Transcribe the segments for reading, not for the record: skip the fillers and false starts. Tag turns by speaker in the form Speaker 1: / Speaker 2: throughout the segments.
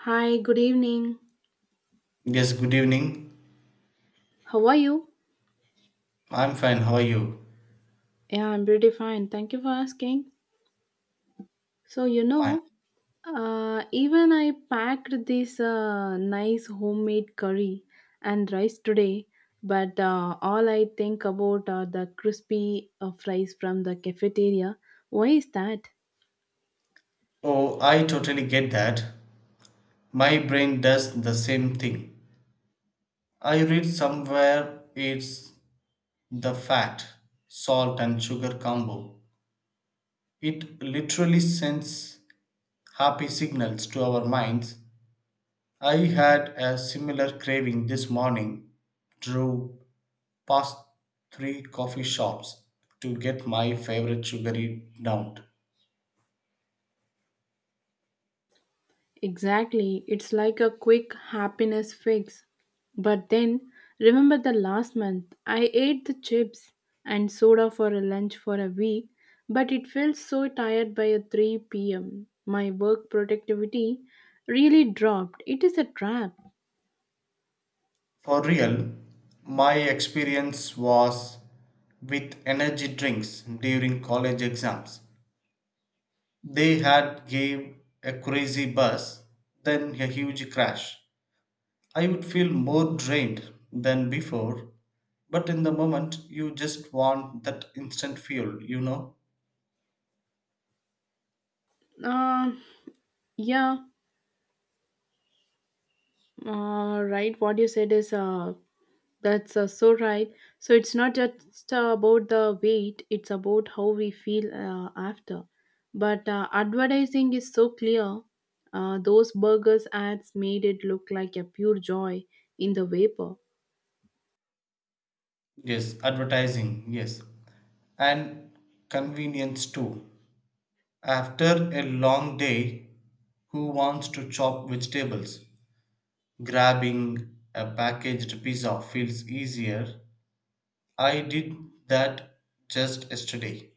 Speaker 1: Hi, good evening.
Speaker 2: Yes, good evening.
Speaker 1: How are you?
Speaker 2: I'm fine. How are you?
Speaker 1: Yeah, I'm pretty fine. Thank you for asking. So, you
Speaker 2: Fine.
Speaker 1: know, even I packed this nice homemade curry and rice today, but all I think about are the crispy fries from the cafeteria. Why is that?
Speaker 2: Oh, I totally get that. My brain does the same thing. I read somewhere it's the fat, salt, and sugar combo. It literally sends happy signals to our minds. I had a similar craving this morning, drove past three coffee shops to get my favorite sugary donut.
Speaker 1: Exactly. It's like a quick happiness fix. But then, remember the last month, I ate the chips and soda for a lunch for a week, but it felt so tired by 3 pm. My work productivity really dropped. It is a trap.
Speaker 2: For real, my experience was with energy drinks during college exams. They had gave a crazy buzz, then a huge crash. I would feel more drained than before, but in the moment you just want that instant fuel, you know?
Speaker 1: Uh, yeah, right. What you said is That's So right. So it's not just about the weight, it's about how we feel after. But advertising is so clear. Those burgers ads made it look like a pure joy in the vapor.
Speaker 2: Yes, advertising, yes. And convenience too. After a long day, who wants to chop vegetables? Grabbing a packaged pizza feels easier. I did that just yesterday.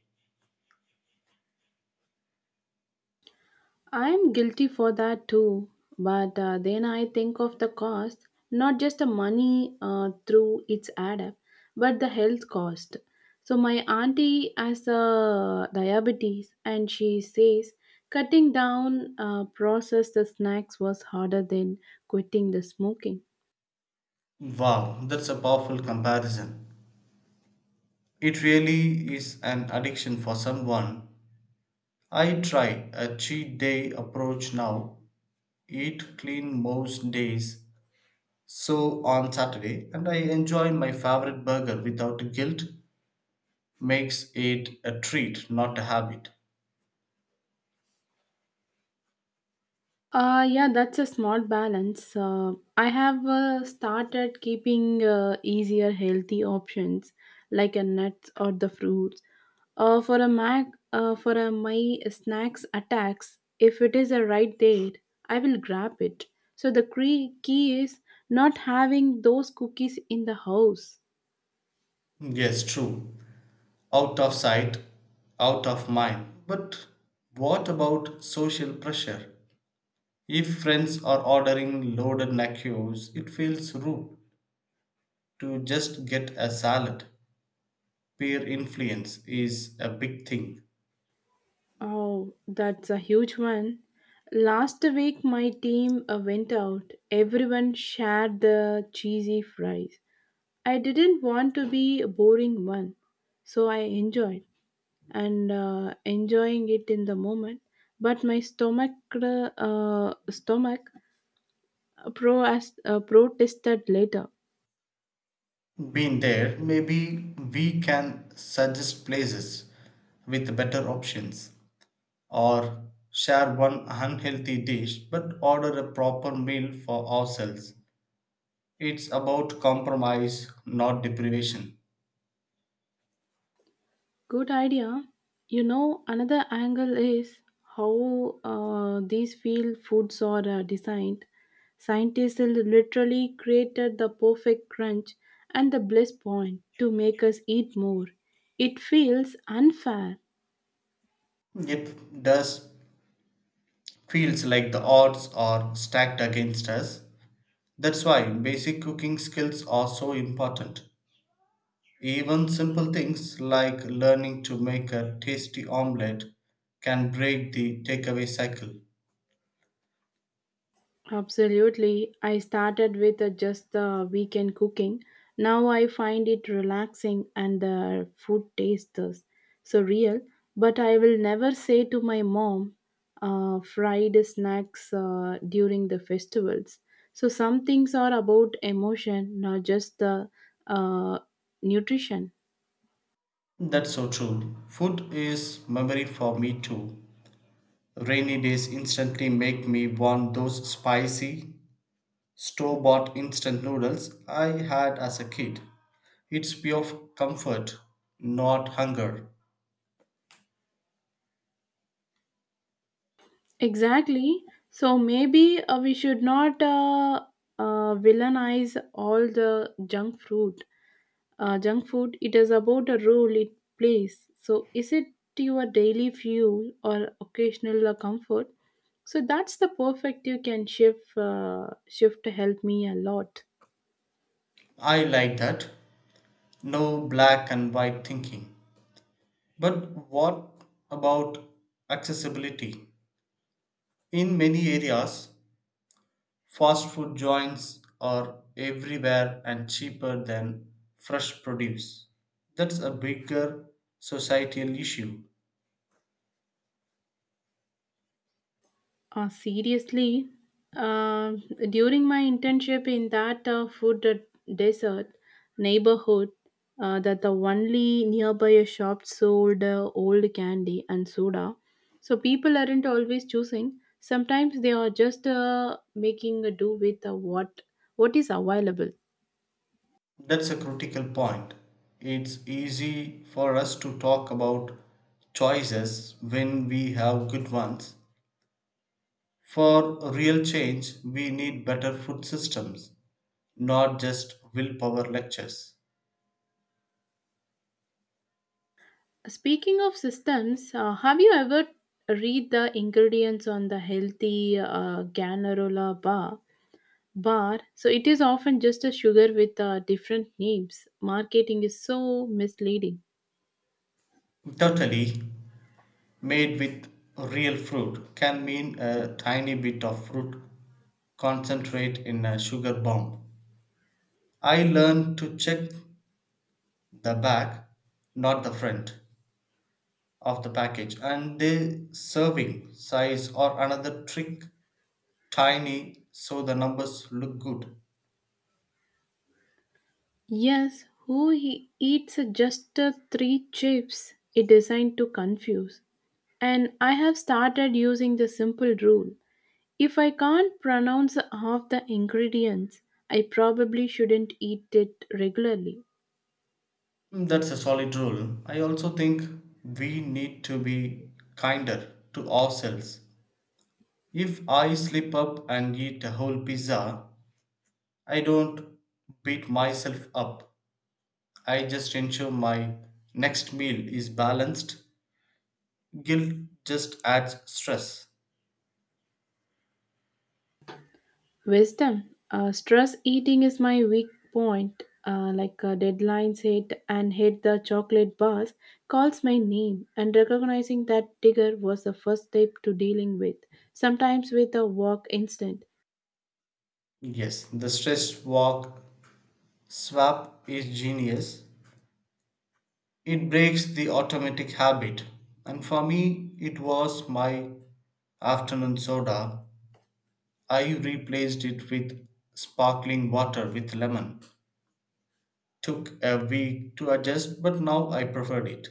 Speaker 1: I'm guilty for that too, but then I think of the cost, not just the money through its add up, but the health cost. So my auntie has a diabetes, and she says cutting down processed snacks was harder than quitting the smoking.
Speaker 2: Wow, that's a powerful comparison. It really is an addiction for someone. I try a cheat day approach now, eat clean most days, so on Saturday, and I enjoy my favorite burger without guilt, makes it a treat, not a habit.
Speaker 1: Yeah, that's a smart balance. I have started keeping easier, healthy options like a nuts or the fruits. Uh, for a mac, for a my snacks attacks, if it is a right there, I will grab it. So the key is not having those cookies in the house.
Speaker 2: Yes, true. Out of sight, out of mind. But what about social pressure? If friends are ordering loaded nachos, it feels rude to just get a salad. Peer influence is a big thing.
Speaker 1: Oh, that's a huge one. Last week, my team went out. Everyone shared the cheesy fries. I didn't want to be a boring one, so I enjoyed and enjoying it in the moment. But my stomach, stomach, protested later.
Speaker 2: Been there, maybe we can suggest places with better options or share one unhealthy dish but order a proper meal for ourselves. It's about compromise, not deprivation.
Speaker 1: Good idea. You know, another angle is how these field foods are designed. Scientists literally created the perfect crunch and the bliss point to make us eat more. It feels unfair.
Speaker 2: It does feels like the odds are stacked against us. That's why basic cooking skills are so important. Even simple things like learning to make a tasty omelette can break the takeaway cycle.
Speaker 1: Absolutely. I started with just the weekend cooking. Now I find it relaxing and the food tastes so real. But I will never say to my mom, fried snacks during the festivals. So some things are about emotion, not just the uh, nutrition.
Speaker 2: That's so true. Food is memory for me too. Rainy days instantly make me want those spicy, store bought instant noodles I had as a kid. It's pure comfort, not hunger.
Speaker 1: Exactly. So maybe we should not villainize all the junk food. Junk food, it is about the role it plays. So, is it your daily fuel or occasional comfort? So that's the perfect you can shift to help me a lot.
Speaker 2: I like that. No black and white thinking. But what about accessibility? In many areas, fast food joints are everywhere and cheaper than fresh produce. That's a bigger societal issue.
Speaker 1: Seriously, uh, during my internship in that desert neighborhood, that the only nearby a shop sold old candy and soda. So people aren't always choosing. Sometimes they are just making a do with what is available.
Speaker 2: That's a critical point. It's easy for us to talk about choices when we have good ones. For real change, we need better food systems, not just willpower lectures.
Speaker 1: Speaking of systems, have you ever read the ingredients on the healthy Ganarola bar? Bar, so it is often just a sugar with different names. Marketing is so misleading.
Speaker 2: Totally, made with real fruit can mean a tiny bit of fruit concentrate in a sugar bomb. I learned to check the back, not the front of the package and the serving size or another trick tiny so the numbers look good.
Speaker 1: Yes, who he eats just three chips? It designed to confuse. And I have started using the simple rule. If I can't pronounce half the ingredients, I probably shouldn't eat it regularly.
Speaker 2: Mm, that's a solid rule. I also think we need to be kinder to ourselves. If I slip up and eat a whole pizza, I don't beat myself up. I just ensure my next meal is balanced. Guilt just adds stress.
Speaker 1: Wisdom. Stress eating is my weak point. Like deadlines hit and hit the chocolate bars, calls my name, and recognizing that trigger was the first step to dealing with. Sometimes with a walk instant.
Speaker 2: Yes, the stress walk swap is genius. It breaks the automatic habit. And for me, it was my afternoon soda. I replaced it with sparkling water with lemon. Took a week to adjust, but now I preferred it.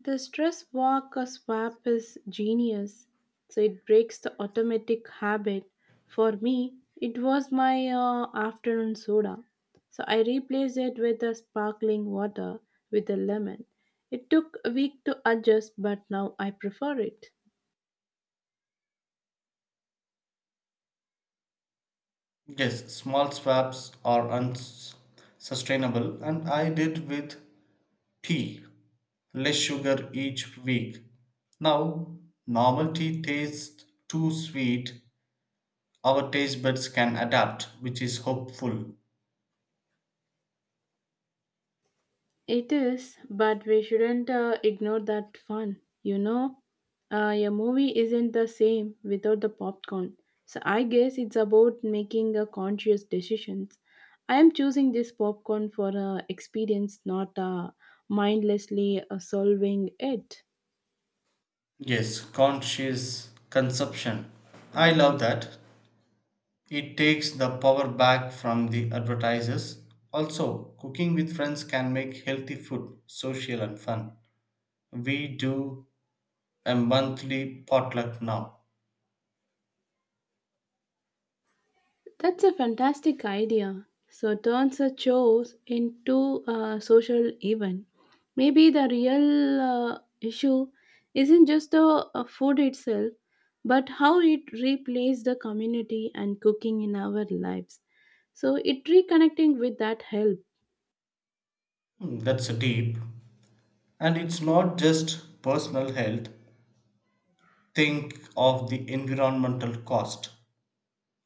Speaker 1: The stress walk or swap is genius. So it breaks the automatic habit. For me, it was my afternoon soda. So I replaced it with the sparkling water with the lemon. It took a week to adjust, but now I prefer it.
Speaker 2: Yes, small swaps are unsustainable, and I did with tea, less sugar each week. Now, normal tea tastes too sweet. Our taste buds can adapt, which is hopeful.
Speaker 1: It is, but we shouldn't ignore that fun. You know, a movie isn't the same without the popcorn. So I guess it's about making a conscious decisions. I am choosing this popcorn for experience, not mindlessly solving it.
Speaker 2: Yes, conscious consumption. I love that. It takes the power back from the advertisers. Also, cooking with friends can make healthy food social and fun. We do a monthly potluck now.
Speaker 1: That's a fantastic idea. So turns a chores into a social event. Maybe the real issue isn't just the food itself, but how it replays the community and cooking in our lives. So it reconnecting with that help.
Speaker 2: Hmm, that's deep. And it's not just personal health, think of the environmental cost.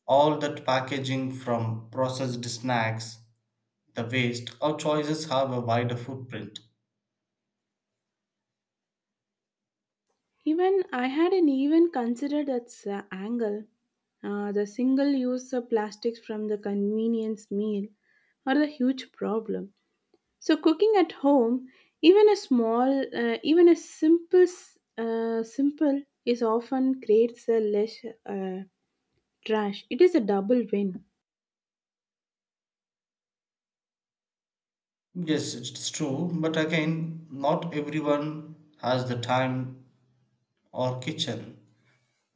Speaker 2: All that packaging from processed snacks, the waste, our choices have a wider footprint.
Speaker 1: Even I hadn't even considered that angle. The single use of plastics from the convenience meal are the huge problem. So cooking at home, even a simple is often creates a less uh, trash. It is a double win.
Speaker 2: Yes, it's true, but again, not everyone has the time or kitchen,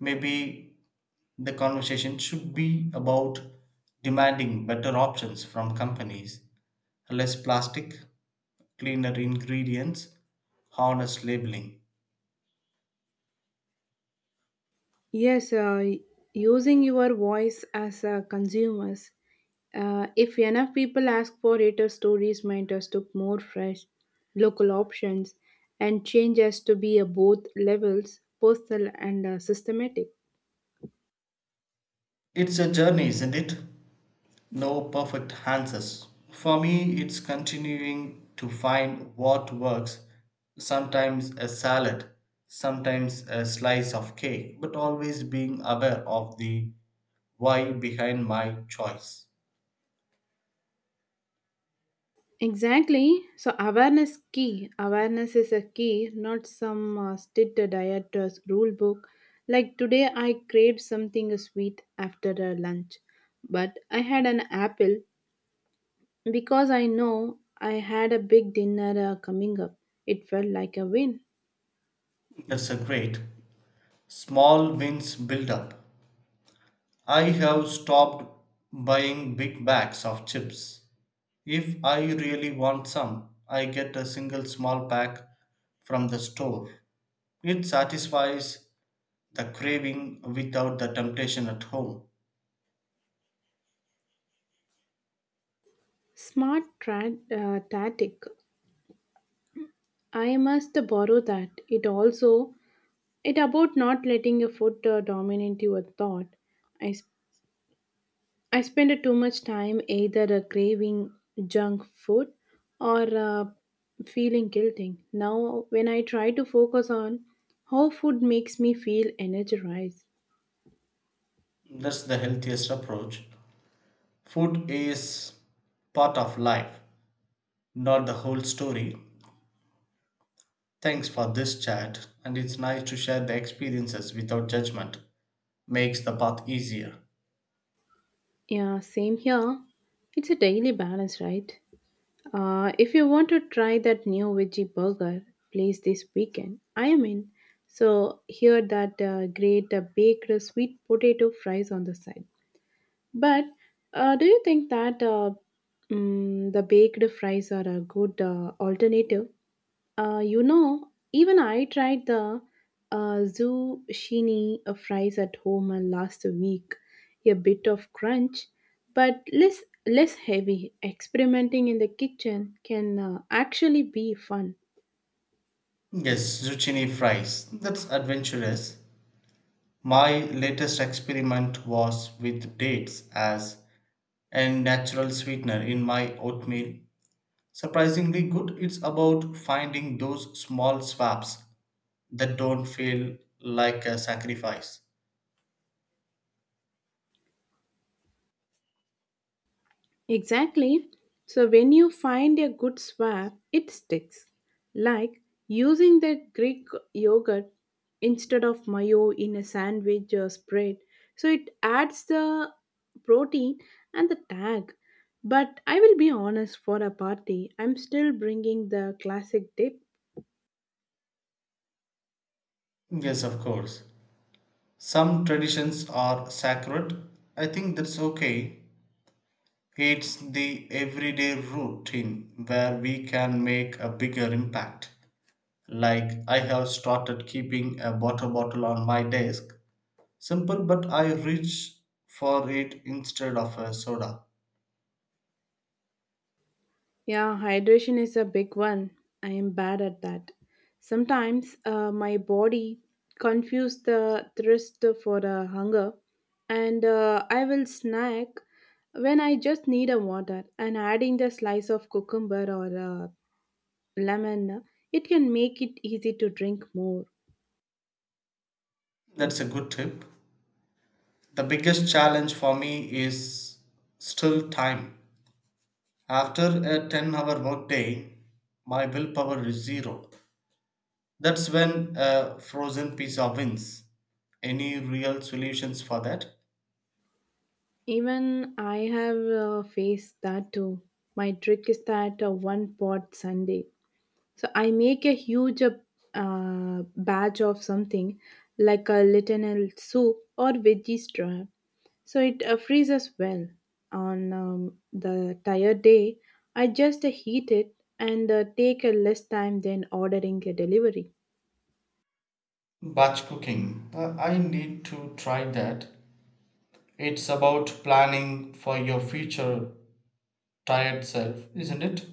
Speaker 2: maybe the conversation should be about demanding better options from companies, less plastic, cleaner ingredients, honest labeling.
Speaker 1: Yes, using your voice as a consumers. If enough people ask for it, our stories might us to more fresh, local options, and change us to be a both levels, personal and systematic.
Speaker 2: It's a journey, isn't it? No perfect answers. For me, it's continuing to find what works. Sometimes a salad, sometimes a slice of cake, but always being aware of the why behind my choice.
Speaker 1: Exactly. Awareness is a key, not some strict diet rule book. Like today, I craved something sweet after lunch, but I had an apple because I know I had a big dinner coming up. It felt like a win.
Speaker 2: That's a great. Small wins build up. I have stopped buying big bags of chips. If I really want some, I get a single small pack from the store. It satisfies the craving without the temptation at home.
Speaker 1: Smart tactic. I must borrow that. It also it about not letting your food dominate your thought. I I spend too much time either craving junk food or feeling guilty. Now, when I try to focus on how food makes me feel energized,
Speaker 2: That's the healthiest approach. Food is part of life, not the whole story. Thanks for this chat, and it's nice to share the experiences without judgment. Makes the path easier.
Speaker 1: yeah, same here. It's a daily balance, right? If you want to try that new veggie burger place this weekend, I am in. So, here that great baked sweet potato fries on the side. But do you think that the baked fries are a good alternative? You know, even I tried the zucchini fries at home last week. A bit of crunch, but less heavy. Experimenting in the kitchen can actually be fun.
Speaker 2: Yes, zucchini fries. That's adventurous. My latest experiment was with dates as a natural sweetener in my oatmeal. Surprisingly good, it's about finding those small swaps that don't feel like a sacrifice.
Speaker 1: Exactly. So when you find a good swap, it sticks. Like using the Greek yogurt instead of mayo in a sandwich or spread. So it adds the protein and the tag. But I will be honest for a party, I'm still bringing the classic dip.
Speaker 2: Yes, of course. Some traditions are sacred. I think that's okay. It's the everyday routine where we can make a bigger impact. Like I have started keeping a water bottle on my desk. Simple, but I reach for it instead of a soda.
Speaker 1: Yeah, hydration is a big one. I am bad at that. Sometimes my body confuses the thirst for the hunger, and I will snack when I just need a water. And adding the slice of cucumber or lemon, it can make it easy to drink more.
Speaker 2: That's a good tip. The biggest challenge for me is still time. After a 10-hour hour workday, my willpower is zero. That's when a frozen pizza wins. Any real solutions for that?
Speaker 1: Even I have faced that too. My trick is that one pot Sunday. So I make a huge batch of something like a lentil soup or veggie straw. So it freezes well. On the tired day, I just heat it and take a less time than ordering a delivery.
Speaker 2: Batch cooking. I need to try that. It's about planning for your future tired self, isn't it?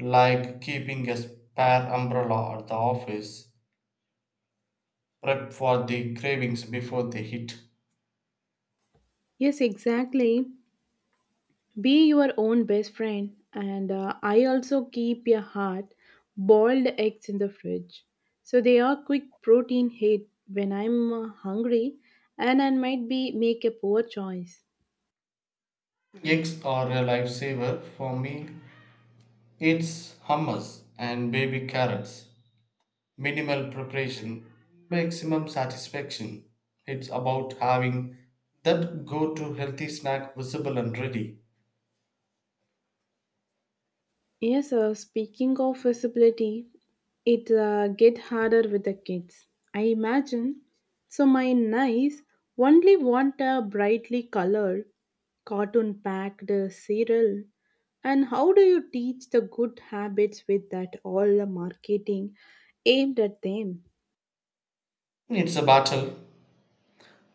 Speaker 2: Like keeping a spare umbrella at the office, prep for the cravings before they hit.
Speaker 1: Yes, exactly. Be your own best friend, and I also keep a hard boiled eggs in the fridge. So they are quick protein hit when I'm hungry and I might be make a poor choice.
Speaker 2: Eggs are a lifesaver for me. It's hummus and baby carrots. Minimal preparation, maximum satisfaction. It's about having that go to healthy snack visible and ready.
Speaker 1: Yes, speaking of visibility, it get harder with the kids. I imagine. So my nice only want a brightly colored cartoon packed cereal and how do you teach the good habits with that all the marketing aimed at them.
Speaker 2: It's a battle.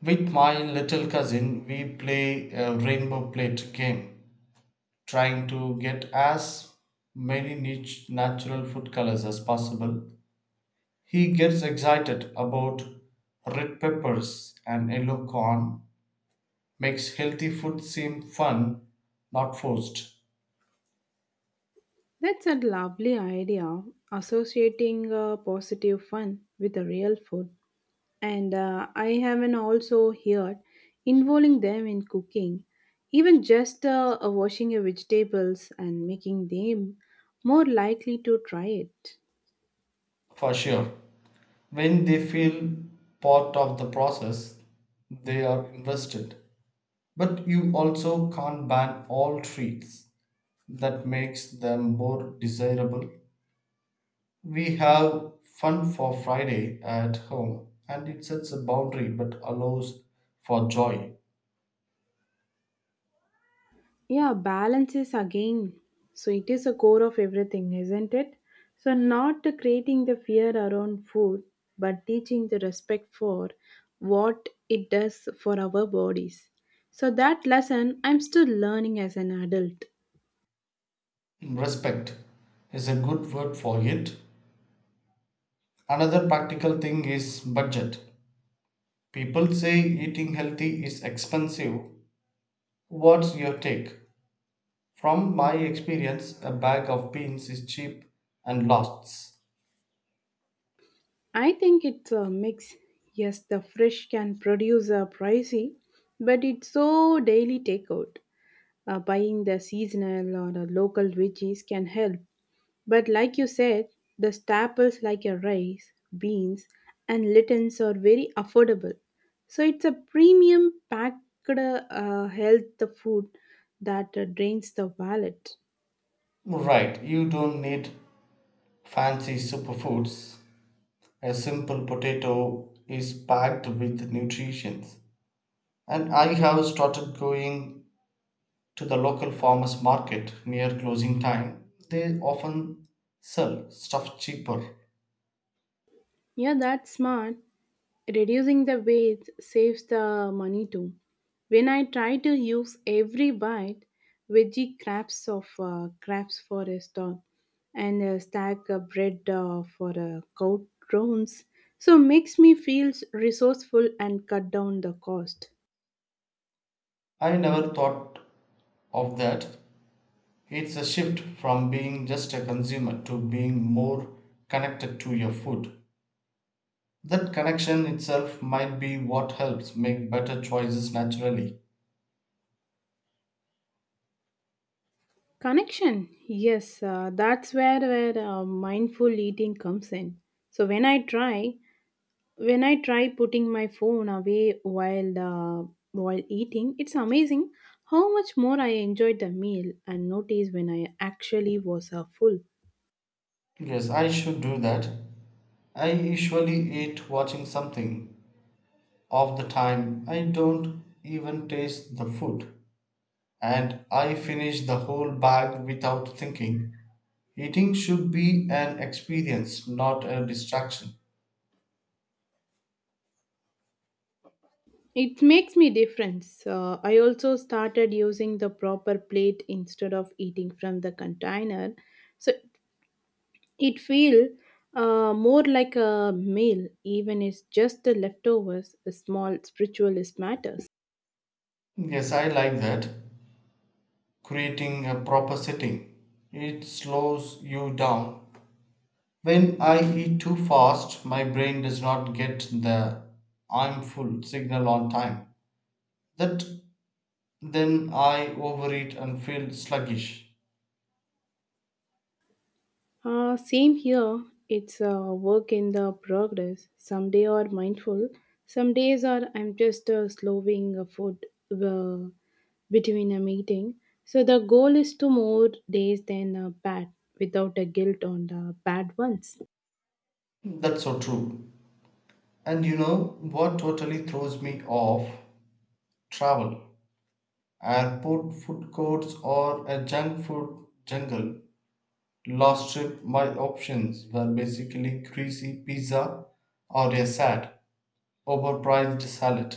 Speaker 2: With my little cousin, we play a rainbow plate game trying to get as many niche natural food colors as possible. He gets excited about red peppers and yellow corn, makes healthy food seem fun, not forced.
Speaker 1: That's a lovely idea associating positive fun with a real food and I haven't also heard involving them in cooking even just washing your vegetables and making them more likely to try it.
Speaker 2: For sure, when they feel part of the process, they are invested. But you also can't ban all treats. That makes them more desirable. We have fun for Friday at home, and it sets a boundary but allows for joy.
Speaker 1: Yeah, balance is again. So it is a core of everything, isn't it? So not to creating the fear around food, but teaching the respect for what it does for our bodies. So that lesson I'm still learning as an adult.
Speaker 2: Respect is a good word for it. Another practical thing is budget. People say eating healthy is expensive. What's your take? From my experience, a bag of beans is cheap and lasts.
Speaker 1: I think it's a mix. Yes, the fresh can produce a pricey, but it's so daily takeout. Buying the seasonal or the local veggies can help. But like you said, the staples like your rice, beans, and lentils are very affordable. So it's a premium packed health food that drains the wallet.
Speaker 2: Right, you don't need fancy superfoods. A simple potato is packed with nutrition. And I have started going to the local farmers market near closing time. They often sell stuff cheaper.
Speaker 1: Yeah, that's smart. Reducing the waste saves the money too. When I try to use every bite, veggie scraps of scraps for a store and a stack of bread for a cow drones, so makes me feel resourceful and cut down the cost.
Speaker 2: I never thought of that. It's a shift from being just a consumer to being more connected to your food. That connection itself might be what helps make better choices naturally.
Speaker 1: Connection, yes, that's where mindful eating comes in. So when I try when I try putting my phone away while eating, it's amazing how much more I enjoyed the meal and notice when I actually was full.
Speaker 2: Yes, I should do that. I usually eat watching something. Of the time, I don't even taste the food, and I finished the whole bag without thinking. Eating should be an experience, not a distraction.
Speaker 1: It makes me difference. I also started using the proper plate instead of eating from the container, so it feel more like a meal, even it's just the leftovers. A small spiritualist matters.
Speaker 2: Yes, I like that. Creating a proper setting. It slows you down. When I eat too fast, my brain does not get the I'm full signal on time. That, then I overeat and feel sluggish.
Speaker 1: Same here. It's a work in the progress. Some days are mindful. Some days are I'm just slowing a food uh, between a meeting. So the goal is to more days than bad without a guilt on the bad ones.
Speaker 2: That's so true. And you know what totally throws me off? Travel. Airport food courts or a junk food jungle. Last trip, my options were basically greasy pizza or a sad, overpriced salad.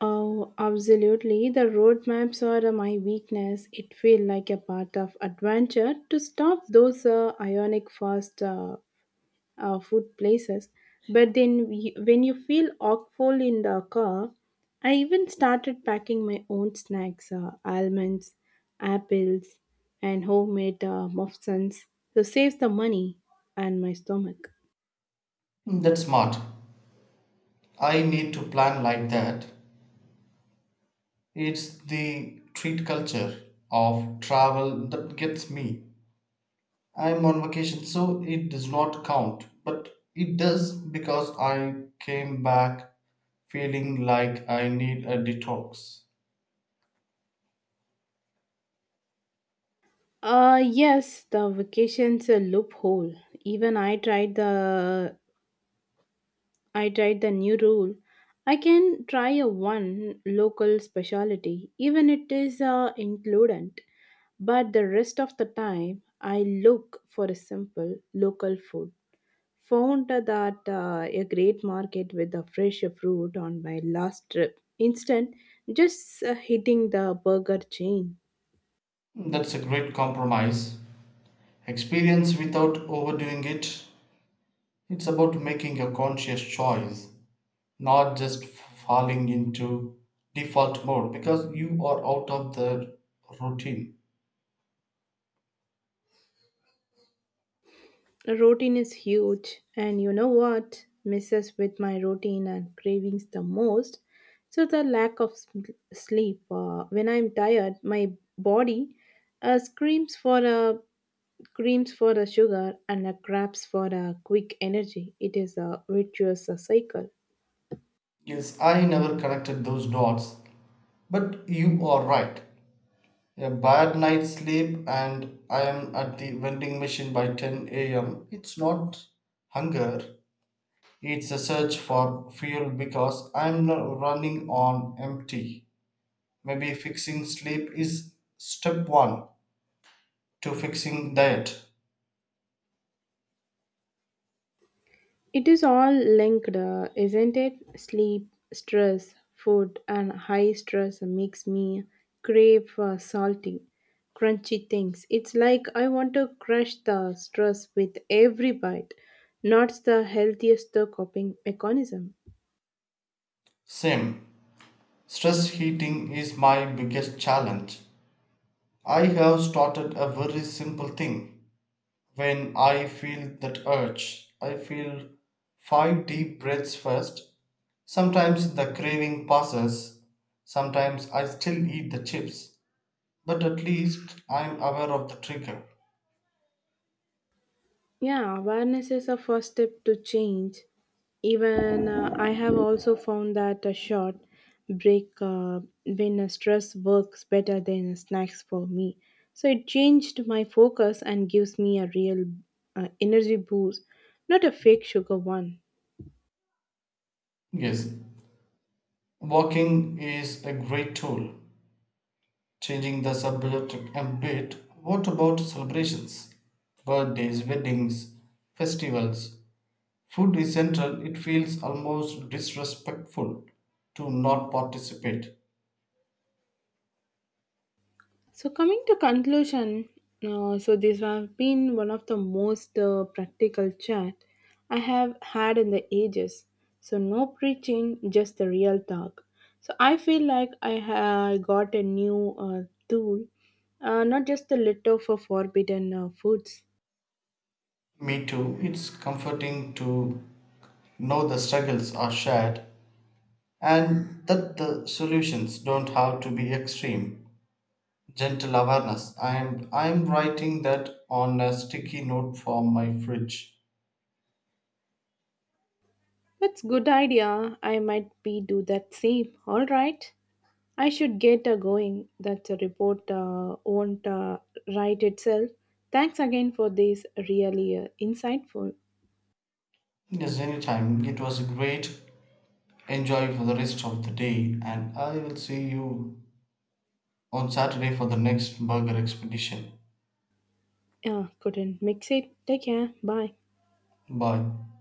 Speaker 1: Oh, absolutely. The roadmaps are my weakness. It feels like a part of adventure to stop those ionic fast food places. But then, we, when you feel awful in the car, I even started packing my own snacks almonds, apples, and homemade muffins to save the money and my stomach.
Speaker 2: That's smart. I need to plan like that. It's the treat culture of travel that gets me. I'm on vacation, so it does not count, but it does because I came back feeling like I need a detox.
Speaker 1: Yes, the vacation's a loophole. Even I tried the new rule. I can try a one local specialty, even it is included. But the rest of the time, I look for a simple local food. Found that a great market with a fresh fruit on my last trip. Instant, just hitting the burger chain.
Speaker 2: That's a great compromise. Experience without overdoing it. It's about making a conscious choice, not just falling into default mode because you are out of the routine.
Speaker 1: Routine is huge, and you know what misses with my routine and cravings the most? So, the lack of sleep. When I'm tired, my body uh, screams for a screams for a sugar and grabs for a quick energy. It is a virtuous cycle.
Speaker 2: Yes, I never connected those dots, but you are right. A bad night's sleep and I am at the vending machine by 10 a.m. It's not hunger, it's a search for fuel because I'm running on empty. Maybe fixing sleep is step one to fixing diet.
Speaker 1: It is all linked, isn't it? Sleep, stress, food, and high stress makes me crave for salty, crunchy things. It's like I want to crush the stress with every bite. Not the healthiest coping mechanism.
Speaker 2: Same. Stress eating is my biggest challenge. I have started a very simple thing. When I feel that urge, I feel five deep breaths first. Sometimes the craving passes. Sometimes I still eat the chips. But at least I'm aware of the trigger.
Speaker 1: Yeah, awareness is a first step to change. Even I have also found that a short break when a stress works better than snacks for me. So it changed my focus and gives me a real energy boost, not a fake sugar one.
Speaker 2: Yes, walking is a great tool. Changing the subject a bit, what about celebrations? Birthdays, weddings, festivals. Food is central, it feels almost disrespectful to not participate.
Speaker 1: So coming to conclusion, so this has been one of the most practical chat I have had in the ages. So no preaching, just the real talk. So I feel like I have got a new tool, not just a little for forbidden foods.
Speaker 2: Me too, it's comforting to know the struggles are shared and that the solutions don't have to be extreme. Gentle awareness. I'm writing that on a sticky note for my fridge.
Speaker 1: That's good idea. I might be do that same. All right. I should get going. That report won't write itself. Thanks again for this really insightful.
Speaker 2: Yes, anytime. It was great. Enjoy for the rest of the day, and I will see you on Saturday for the next burger expedition.
Speaker 1: Couldn't mix it. Take care. Bye.
Speaker 2: Bye.